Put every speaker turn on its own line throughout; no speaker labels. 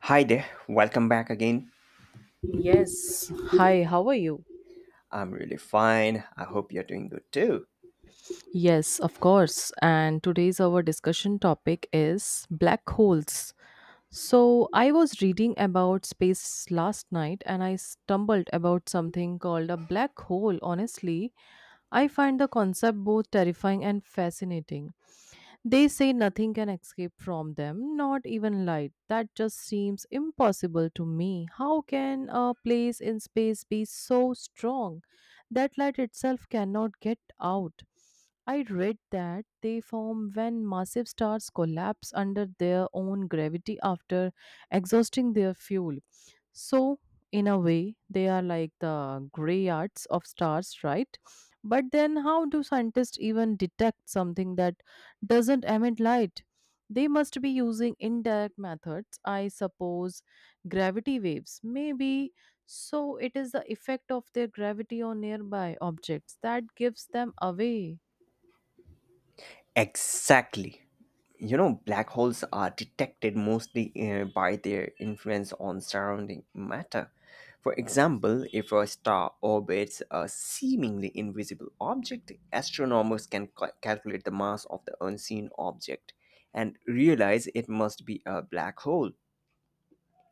Hi there, welcome back again.
Yes. Hi, how are you?
I'm really fine. I hope you're doing good too.
Yes, of course. And today's our discussion topic is black holes. So, I was reading about space last night and I stumbled about something called a black hole. Honestly, I find the concept both terrifying and fascinating. They say nothing can escape from them, not even light. That just seems impossible to me. How can a place in space be so strong that light itself cannot get out? I read that they form when massive stars collapse under their own gravity after exhausting their fuel. So, in a way, they are like the gray arts of stars, right? But then, how do scientists even detect something that doesn't emit light? They must be using indirect methods, I suppose gravity waves. Maybe so it is the effect of their gravity on nearby objects that gives them away.
Exactly. You know, black holes are detected mostly by their influence on surrounding matter. For example, if a star orbits a seemingly invisible object, astronomers can calculate the mass of the unseen object and realize it must be a black hole.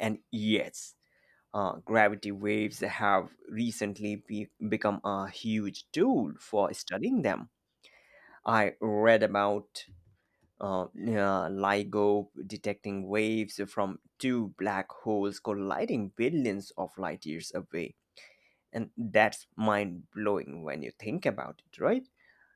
And yes, gravity waves have recently become a huge tool for studying them. I read about LIGO detecting waves from two black holes colliding billions of light years away. And that's mind blowing when you think about it, right?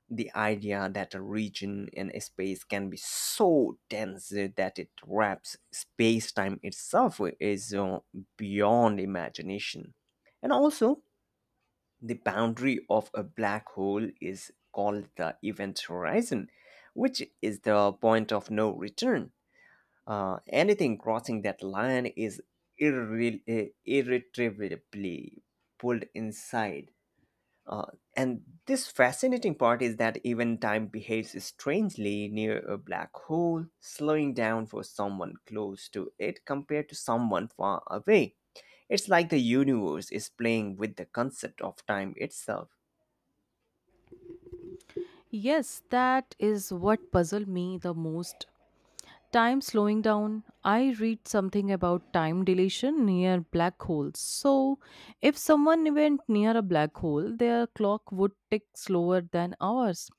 The idea that a region and a space can be so dense that it wraps space time itself is beyond imagination. And also, the boundary of a black hole is called the event horizon, which is the point of no return. Anything crossing that line is irretrievably pulled inside uh, and this fascinating part is that even time behaves strangely near a black hole, slowing down for someone close to it compared to someone far away. It's like the universe is playing with the concept of time itself.
Yes, that is what puzzled me the most. Time slowing down. I read something about time dilation near black holes. So, if someone went near a black hole, their clock would tick slower than ours.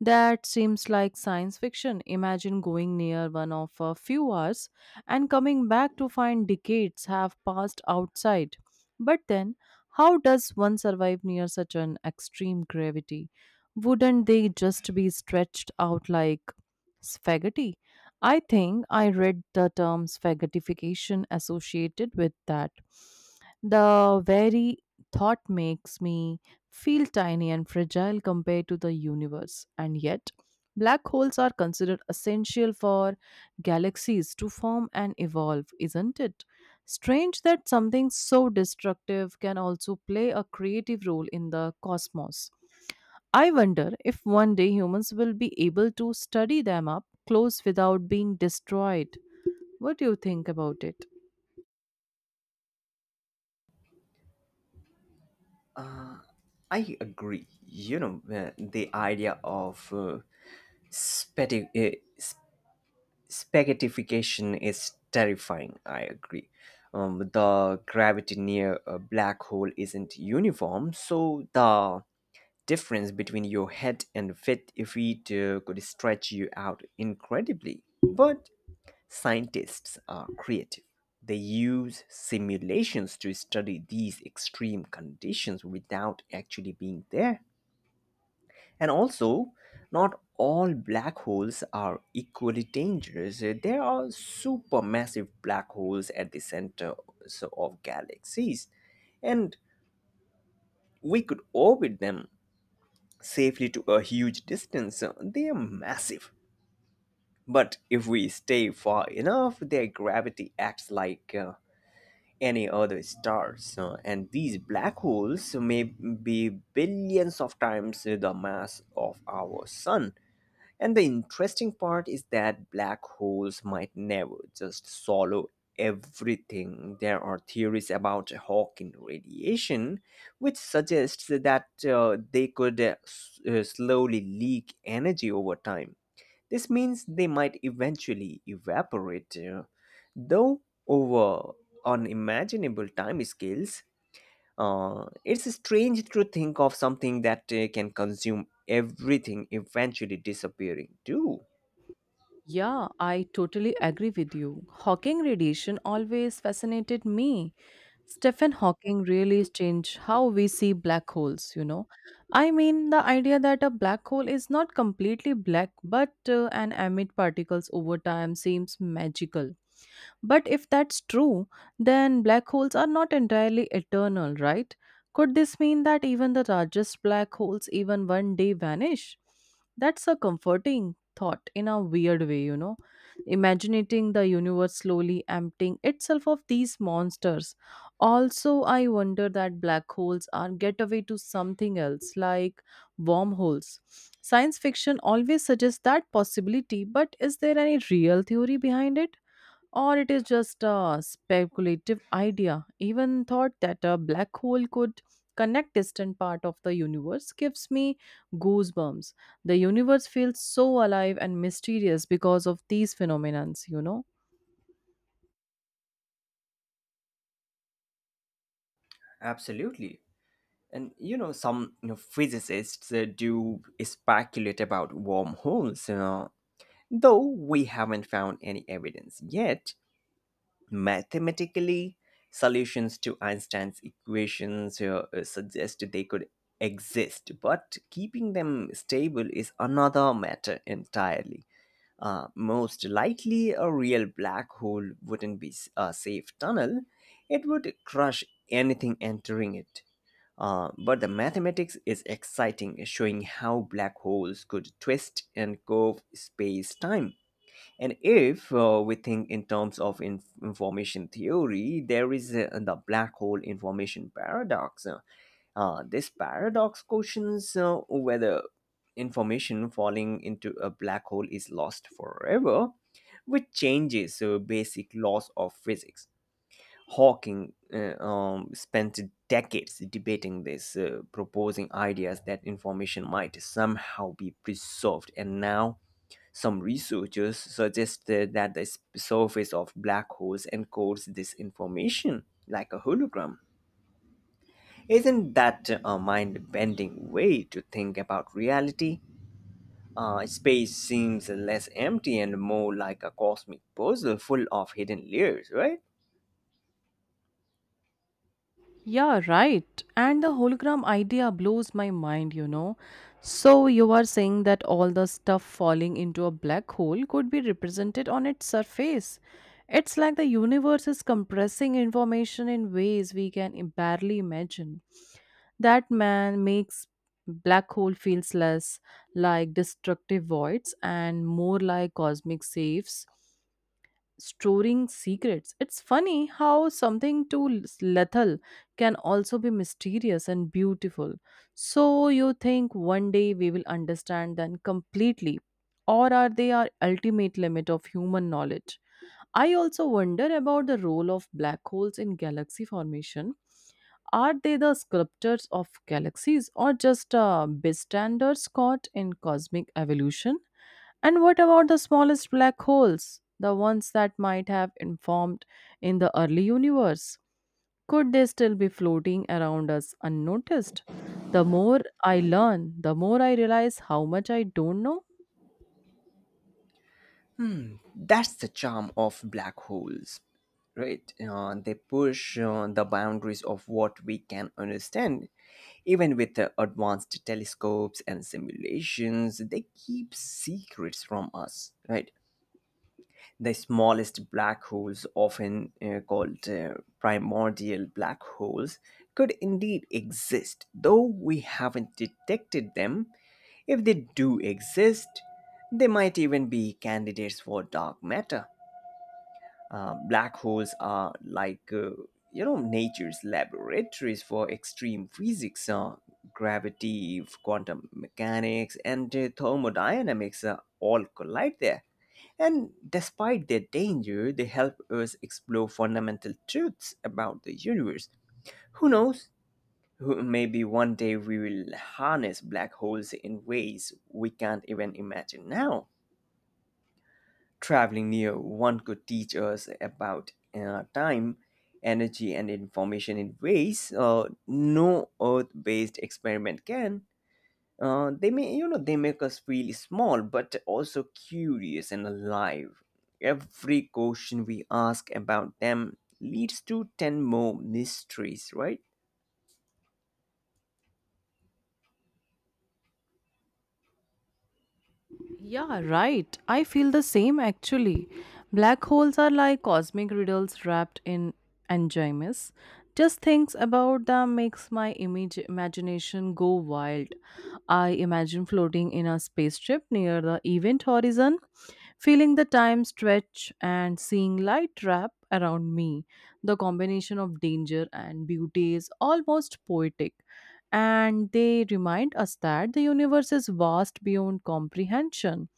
That seems like science fiction. Imagine going near one of a few hours and coming back to find decades have passed outside. But then, how does one survive near such an extreme gravity? Wouldn't they just be stretched out like spaghetti? I think I read the term spaghettification associated with that. The very thought makes me feel tiny and fragile compared to the universe, and yet, black holes are considered essential for galaxies to form and evolve, isn't it? Strange that something so destructive can also play a creative role in the cosmos. I wonder if one day humans will be able to study them up close without being destroyed. What do you think about it?
I agree. You know, the idea of spati- uh, Spaghettification is terrifying, I agree. The gravity near a black hole isn't uniform, so the difference between your head and feet, could stretch you out incredibly. But scientists are creative. They use simulations to study these extreme conditions without actually being there. And also, not all black holes are equally dangerous. There are supermassive black holes at the center of galaxies, and we could orbit them safely to a huge distance. They are massive. But if we stay far enough, their gravity acts like any other stars. And these black holes may be billions of times the mass of our sun. And the interesting part is that black holes might never just swallow everything. There are theories about Hawking radiation, which suggests that they could slowly leak energy over time. This means they might eventually evaporate, though over unimaginable time scales. It's strange to think of something that can consume everything eventually disappearing too.
Yeah, I totally agree with you. Hawking radiation always fascinated me. Stephen Hawking really changed how we see black holes, you know. I mean, the idea that a black hole is not completely black but an emit particles over time seems magical. But if that's true, then black holes are not entirely eternal, right? Could this mean that even the largest black holes even one day vanish? That's a comforting thought in a weird way, you know. Imagining the universe slowly emptying itself of these monsters. Also, I wonder that black holes are getaway to something else, like wormholes. Science fiction always suggests that possibility, but is there any real theory behind it? Or it is just a speculative idea. Even thought that a black hole could connect distant part of the universe gives me goosebumps. The universe feels so alive and mysterious because of these phenomenons, you know.
Absolutely. And you know, some physicists do speculate about wormholes, you know, though we haven't found any evidence yet. Mathematically, solutions to Einstein's equations suggest they could exist, but keeping them stable is another matter entirely. Most likely, a real black hole wouldn't be a safe tunnel, it would crush anything entering it. But the mathematics is exciting, showing how black holes could twist and curve space time. And if we think in terms of information theory, there is the black hole information paradox. This paradox questions whether information falling into a black hole is lost forever, which changes basic laws of physics. Hawking spent decades debating this, proposing ideas that information might somehow be preserved. And now, some researchers suggest that the surface of black holes encodes this information like a hologram. Isn't that a mind bending way to think about reality? Space seems less empty and more like a cosmic puzzle full of hidden layers, right?
Yeah, right. And the hologram idea blows my mind, you know. So, you are saying that all the stuff falling into a black hole could be represented on its surface. It's like the universe is compressing information in ways we barely imagine. That man makes black hole feels less like destructive voids and more like cosmic safes storing secrets. It's funny how something too lethal can also be mysterious and beautiful. So you think one day we will understand them completely, or are they our ultimate limit of human knowledge? I also wonder about the role of black holes in galaxy formation. Are they the sculptors of galaxies or just bystanders caught in cosmic evolution? And what about the smallest black holes, the ones that might have informed in the early universe? Could they still be floating around us unnoticed? The more I learn, the more I realize how much I don't know.
That's the charm of black holes, right? They push the boundaries of what we can understand. Even with the advanced telescopes and simulations, they keep secrets from us, right? The smallest black holes, often called primordial black holes, could indeed exist, though we haven't detected them. If they do exist, they might even be candidates for dark matter. Black holes are like you know, nature's laboratories for extreme physics. Gravity, quantum mechanics, and thermodynamics all collide there. And despite their danger, they help us explore fundamental truths about the universe. Who knows? Maybe one day we will harness black holes in ways we can't even imagine now. Traveling near one could teach us about time, energy, and information in ways no Earth-based experiment can. They may, they make us feel small, but also curious and alive. Every question we ask about them leads to ten more mysteries, right?
Yeah, right. I feel the same actually. Black holes are like cosmic riddles wrapped in enigmas. Just things about them makes my image imagination go wild. I imagine floating in a spaceship near the event horizon, feeling the time stretch and seeing light wrap around me. The combination of danger and beauty is almost poetic. And they remind us that the universe is vast beyond comprehension.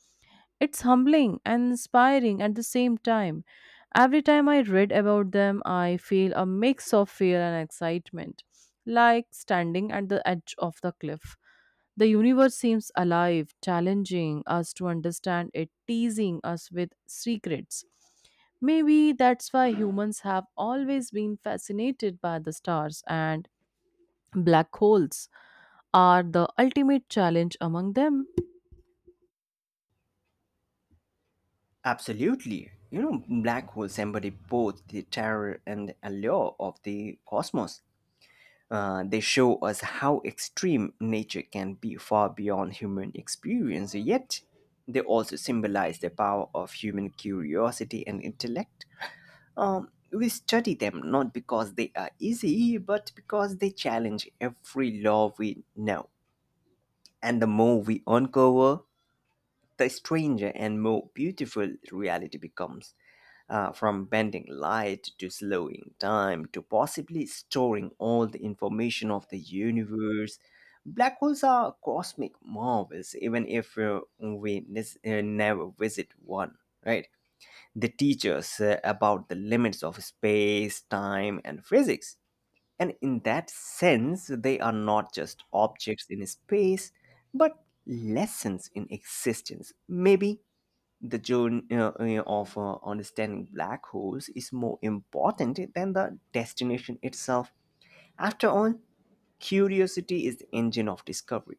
It's humbling and inspiring at the same time. Every time I read about them, I feel a mix of fear and excitement, like standing at the edge of the cliff. The universe seems alive, challenging us to understand it, teasing us with secrets. Maybe that's why humans have always been fascinated by the stars, and black holes are the ultimate challenge among them.
Absolutely. You know, black holes embody both the terror and allure of the cosmos. They show us how extreme nature can be, far beyond human experience, yet they also symbolize the power of human curiosity and intellect. We study them not because they are easy, but because they challenge every law we know. And the more we uncover, the stranger and more beautiful reality becomes. From bending light to slowing time to possibly storing all the information of the universe, black holes are cosmic marvels, even if never visit one, right? They teach us about the limits of space, time, and physics, and in that sense, they are not just objects in space, but lessons in existence. Maybe the journey of understanding black holes is more important than the destination itself. After all, curiosity is the engine of discovery.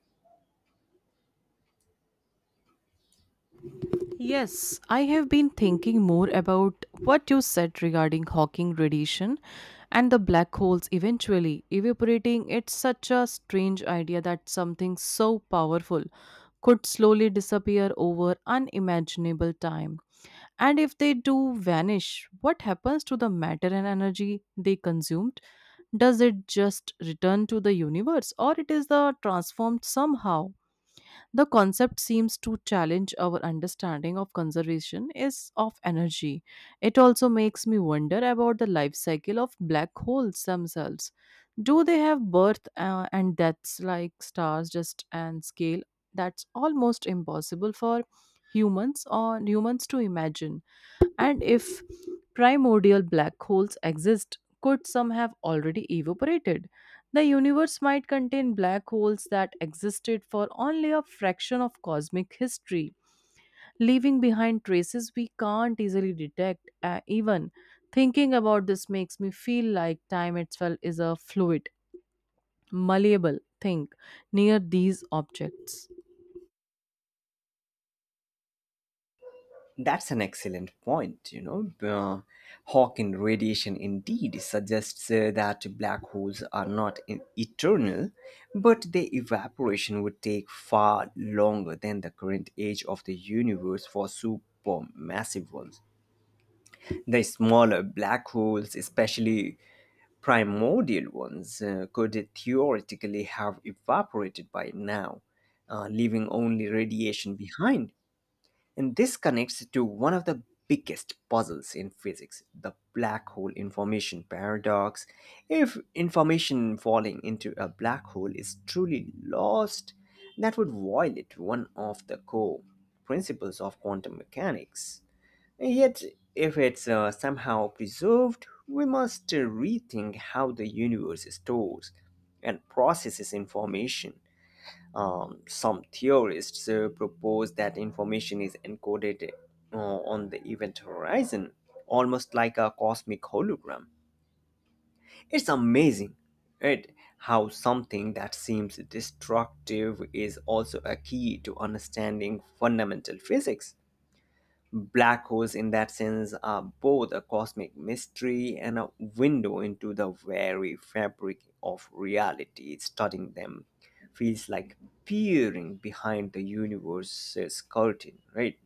Yes, I have been thinking more about what you said regarding Hawking radiation and the black holes eventually evaporating. It's such a strange idea that something so powerful could slowly disappear over unimaginable time. And if they do vanish, what happens to the matter and energy they consumed? Does it just return to the universe or it is the transformed somehow? The concept seems to challenge our understanding of conservation is of energy. It also makes me wonder about the life cycle of black holes themselves. Do they have birth and deaths like stars just and scale that's almost impossible for humans to imagine? And if primordial black holes exist, could some have already evaporated? The universe might contain black holes that existed for only a fraction of cosmic history, leaving behind traces we can't easily detect. Even thinking about this makes me feel like time itself is a fluid, malleable thing near these objects.
That's an excellent point. You know, Hawking radiation indeed suggests that black holes are not eternal, but their evaporation would take far longer than the current age of the universe for supermassive ones. The smaller black holes, especially primordial ones, could theoretically have evaporated by now, leaving only radiation behind. And this connects to one of the biggest puzzles in physics, the black hole information paradox. If information falling into a black hole is truly lost, that would violate one of the core principles of quantum mechanics. Yet, if it's somehow preserved, we must rethink how the universe stores and processes information. Some theorists propose that information is encoded on the event horizon, almost like a cosmic hologram. It's amazing, right? How something that seems destructive is also a key to understanding fundamental physics. Black holes, in that sense, are both a cosmic mystery and a window into the very fabric of reality. Studying them feels like peering behind the universe's curtain, right?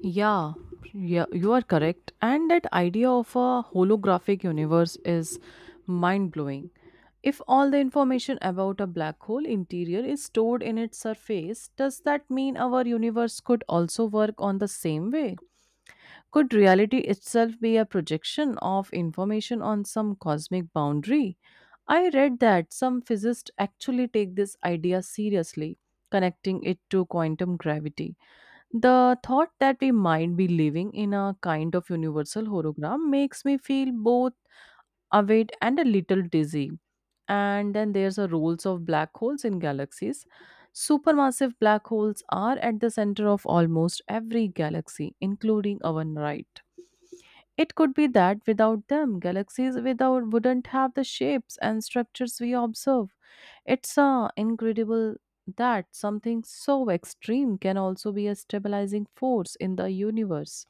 Yeah, yeah, you are correct. And that idea of a holographic universe is mind blowing. If all the information about a black hole interior is stored in its surface, does that mean our universe could also work on the same way? Could reality itself be a projection of information on some cosmic boundary? I read that some physicists actually take this idea seriously, connecting it to quantum gravity. The thought that we might be living in a kind of universal hologram makes me feel both awake and a little dizzy. And then there's the roles of black holes in galaxies. Supermassive black holes are at the center of almost every galaxy, including our right. It could be that without them, galaxies without wouldn't have the shapes and structures we observe. It's incredible that something so extreme can also be a stabilizing force in the universe.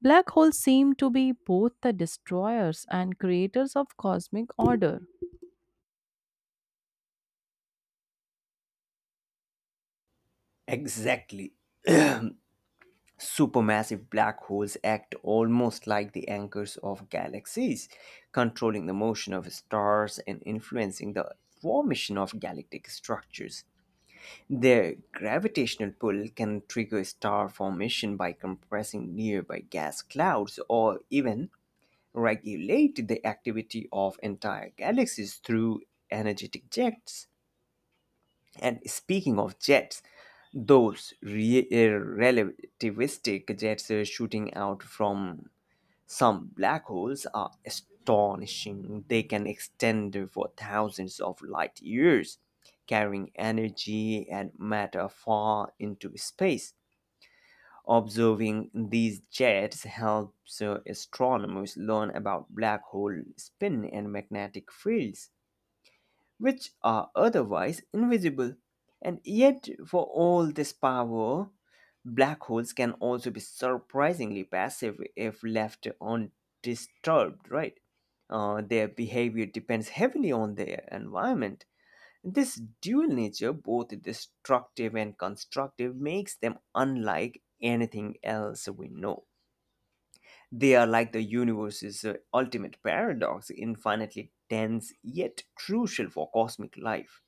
Black holes seem to be both the destroyers and creators of cosmic order.
Exactly. Supermassive black holes act almost like the anchors of galaxies, controlling the motion of stars and influencing the formation of galactic structures. Their gravitational pull can trigger star formation by compressing nearby gas clouds, or even regulate the activity of entire galaxies through energetic jets. And speaking of jets, those relativistic jets shooting out from some black holes are astonishing. They can extend for thousands of light years, carrying energy and matter far into space. Observing these jets helps astronomers learn about black hole spin and magnetic fields, which are otherwise invisible. And yet, for all this power, black holes can also be surprisingly passive if left undisturbed, right? Their behavior depends heavily on their environment. This dual nature, both destructive and constructive, makes them unlike anything else we know. They are like the universe's ultimate paradox, infinitely dense yet crucial for cosmic life.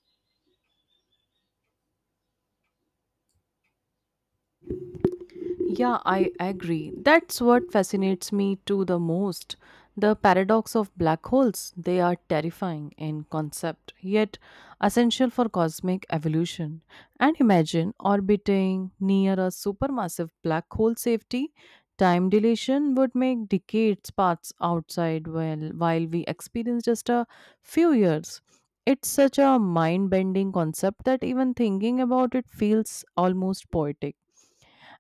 Yeah, I agree. That's what fascinates me too the most. The paradox of black holes. They are terrifying in concept, yet essential for cosmic evolution. And imagine orbiting near a supermassive black hole safety. Time dilation would make decades pass outside while we experience just a few years. It's such a mind bending concept that even thinking about it feels almost poetic.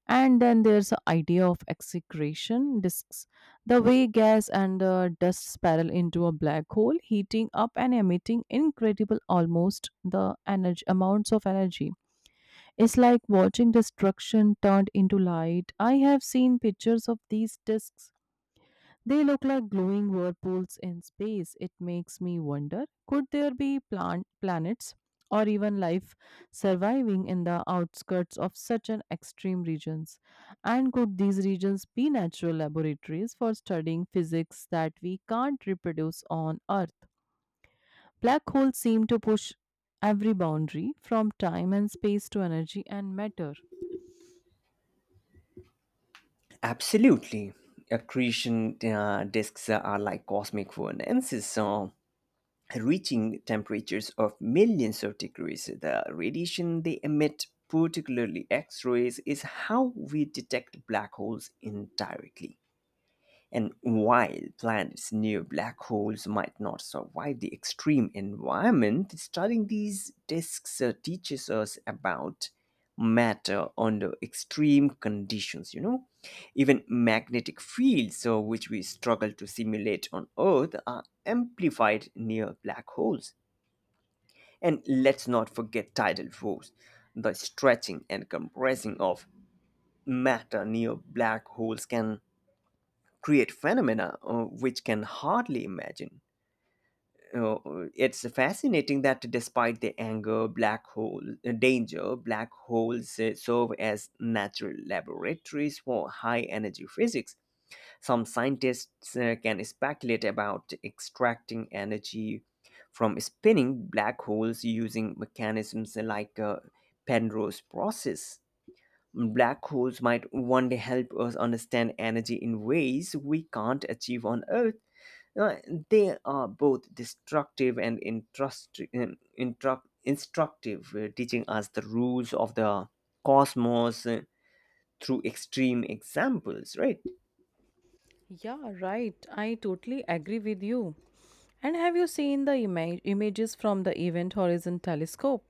And then there's the idea of execretion disks, the way gas and dust spiral into a black hole, heating up and emitting incredible almost the energy amounts of energy. It's like watching destruction turned into light. I have seen pictures of these disks. They look like glowing whirlpools in space. It makes me wonder, could there be planets or even life surviving in the outskirts of such an extreme regions, and could these regions be natural laboratories for studying physics that we can't reproduce on earth? Black holes seem to push every boundary from time and space to energy and matter.
Absolutely. Accretion disks are like cosmic furnaces, reaching temperatures of millions of degrees. The radiation they emit, particularly X rays, is how we detect black holes indirectly. And while planets near black holes might not survive the extreme environment, studying these disks teaches us about matter under extreme conditions, you know. Even magnetic fields, which we struggle to simulate on Earth, are amplified near black holes. And let's not forget tidal force. The stretching and compressing of matter near black holes can create phenomena which can hardly imagine. Uh, it's fascinating that despite the anger, black hole danger, black holes serve as natural laboratories for high energy physics. Some scientists can speculate about extracting energy from spinning black holes using mechanisms like Penrose process. Black holes might one day help us understand energy in ways we can't achieve on Earth. Uh, They are both destructive and instructive, teaching us the rules of the cosmos through extreme examples, right?
Yeah, right. I totally agree with you. And have you seen the images from the Event Horizon Telescope?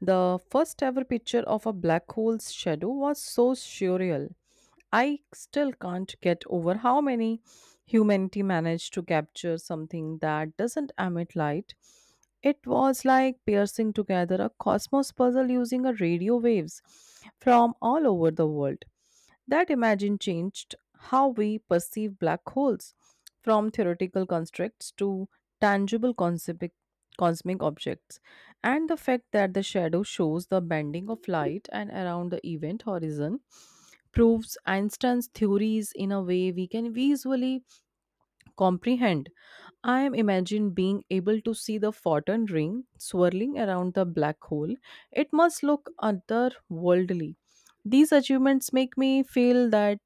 The first ever picture of a black hole's shadow was so surreal. I still can't get over how many humanity managed to capture something that doesn't emit light. It was like piercing together a cosmos puzzle using a radio waves from all over the world. That imagine changed how we perceive black holes from theoretical constructs to tangible concept- cosmic objects. And the fact that the shadow shows the bending of light and around the event horizon proves Einstein's theories in a way we can visually comprehend. I am imagine being able to see the photon ring swirling around the black hole. It must look otherworldly. These achievements make me feel that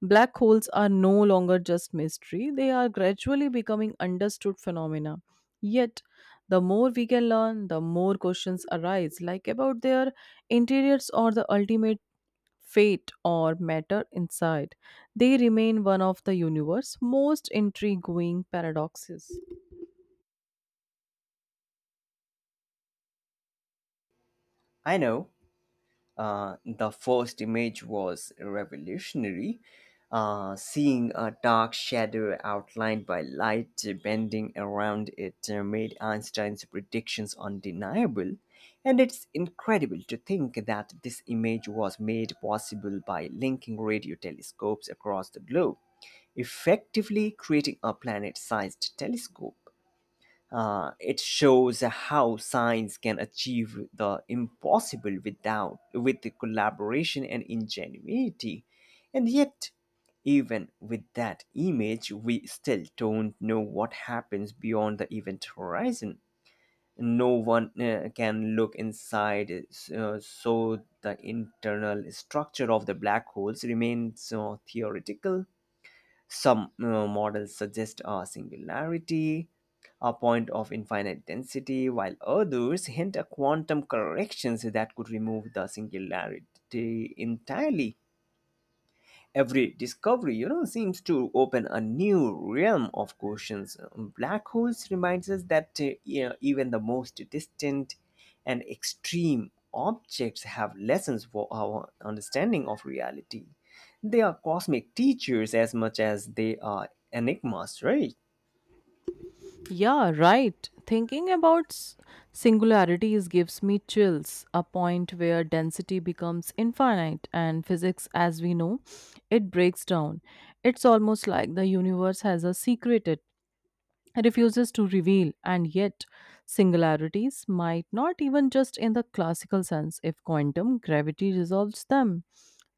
black holes are no longer just mystery, they are gradually becoming understood phenomena. Yet, the more we can learn, the more questions arise, like about their interiors or the ultimate fate or matter inside. They remain one of the universe's most intriguing paradoxes.
I know. The first image was revolutionary, seeing a dark shadow outlined by light bending around it made Einstein's predictions undeniable. And it's incredible to think that this image was made possible by linking radio telescopes across the globe, effectively creating a planet sized telescope. It shows how science can achieve the impossible without with the collaboration and ingenuity. And yet, even with that image, we still don't know what happens beyond the event horizon. No one can look inside, so the internal structure of the black holes remains theoretical. Some models suggest a singularity, a point of infinite density, while others hint at quantum corrections that could remove the singularity entirely. Every discovery, you know, seems to open a new realm of questions. Black holes reminds us that yeah, even the most distant and extreme objects have lessons for our understanding of reality. They are cosmic teachers as much as they are enigmas, right?
Yeah, right. Thinking about singularities gives me chills, a point where density becomes infinite and physics as we know it breaks down. It's almost like the universe has a secret refuses to reveal, and yet singularities might not even just in the classical sense if quantum gravity resolves them.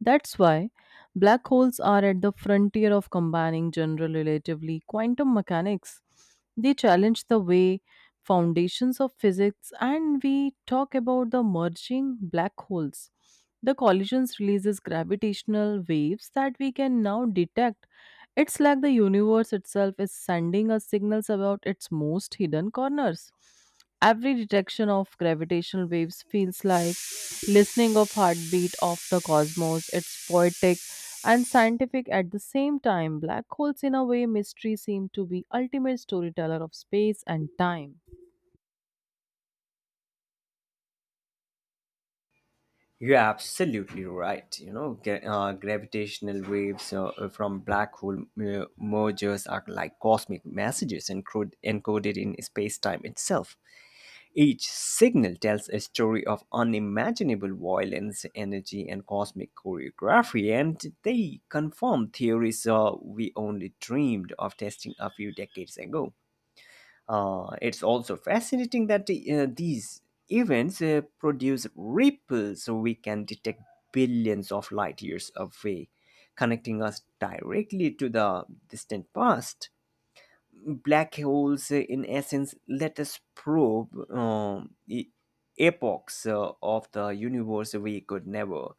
That's why black holes are at the frontier of combining general relatively quantum mechanics. They challenge the way foundations of physics, and we talk about the merging black holes. The collisions releases gravitational waves that we can now detect. It's like the universe itself is sending us signals about its most hidden corners. Every detection of gravitational waves feels like listening of heartbeat of the cosmos. It's poetic and scientific at the same time. Black holes in a way mystery seem to be ultimate storyteller of space and time.
You're absolutely right. You know, gravitational waves from black hole mergers are like cosmic messages encoded in space-time itself. Each signal tells a story of unimaginable violence, energy, and cosmic choreography, and they confirm theories we only dreamed of testing a few decades ago. It's also fascinating that these events produce ripples so we can detect billions of light years away, connecting us directly to the distant past. Black holes, in essence, let us probe epochs of the universe we could never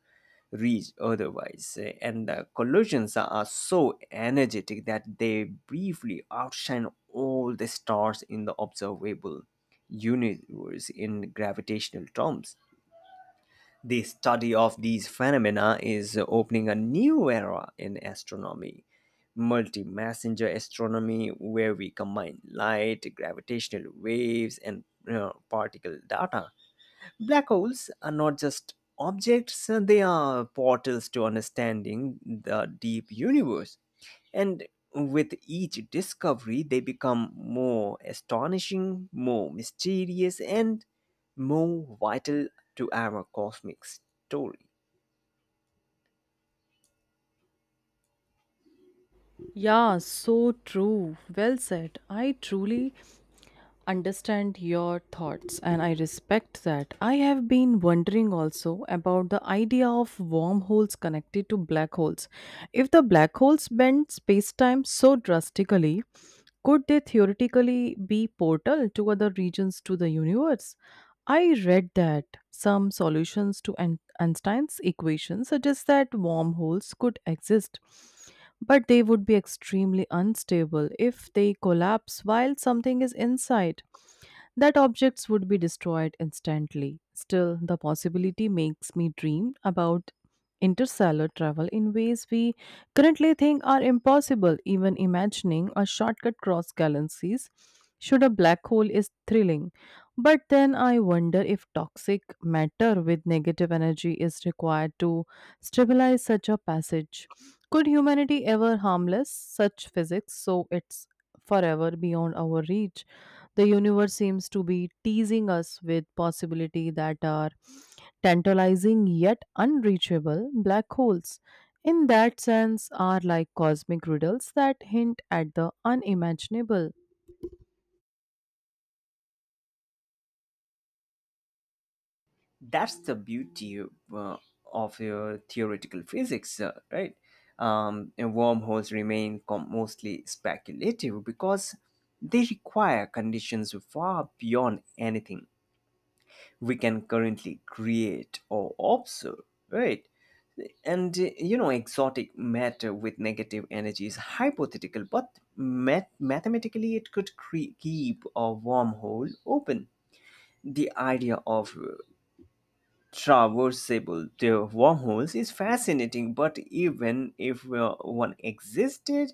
reach otherwise. And the collisions are so energetic that they briefly outshine all the stars in the observable universe in gravitational terms. The study of these phenomena is opening a new era in astronomy. Multi messenger astronomy, where we combine light, gravitational waves, and you know, particle data. Black holes are not just objects, they are portals to understanding the deep universe. And with each discovery, they become more astonishing, more mysterious, and more vital to our cosmic story.
Yeah, so true. Well said. I truly understand your thoughts and I respect that. I have been wondering also about the idea of wormholes connected to black holes. If the black holes bend space-time so drastically, could they theoretically be portal to other regions to the universe? I read that some solutions to Einstein's equation suggest that wormholes could exist, but they would be extremely unstable. If they collapse while something is inside, that objects would be destroyed instantly. Still, the possibility makes me dream about interstellar travel in ways we currently think are impossible. Even imagining a shortcut across galaxies should a black hole is thrilling. But then I wonder if toxic matter with negative energy is required to stabilize such a passage. Could humanity ever harmless such physics so it's forever beyond our reach? The universe seems to be teasing us with possibility that are tantalizing yet unreachable black holes. In that sense, are like cosmic riddles that hint at the unimaginable.
That's the beauty uh, of your theoretical physics, right? And wormholes remain mostly speculative because they require conditions far beyond anything we can currently create or observe, right? And you know, exotic matter with negative energy is hypothetical, but mathematically it could keep a wormhole open. The idea of traversable the wormholes is fascinating, but even if one existed,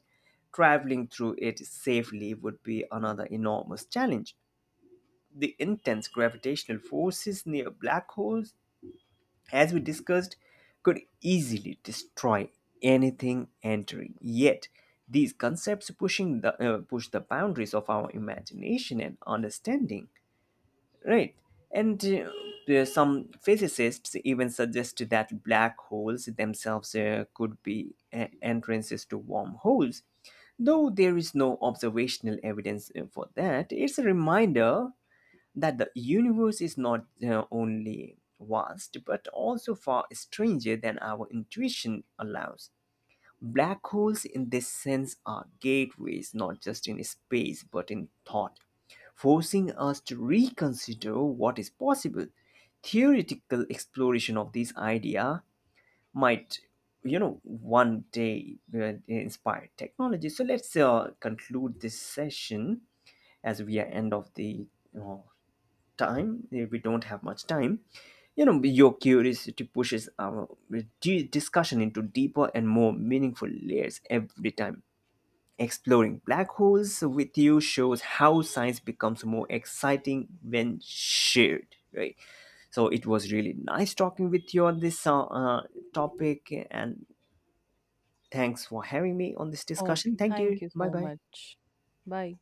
traveling through it safely would be another enormous challenge. The intense gravitational forces near black holes, as we discussed, could easily destroy anything entering. Yet, these concepts pushing the push the boundaries of our imagination and understanding, right? And some physicists even suggest that black holes themselves could be entrances to wormholes. Though there is no observational evidence for that, it's a reminder that the universe is not only vast but also far stranger than our intuition allows. Black holes, in this sense, are gateways not just in space but in thought, forcing us to reconsider what is possible. Theoretical exploration of this idea might, you know, one day inspire technology. So let's conclude this session as we are end of the uh, time. We don't have much time. You know, your curiosity pushes our discussion into deeper and more meaningful layers every time. Exploring black holes with you shows how science becomes more exciting when shared, right? So it was really nice talking with you on this topic, and thanks for having me on this discussion.
Okay,
Thank you.
thank you
Bye
so
bye.
much. Bye.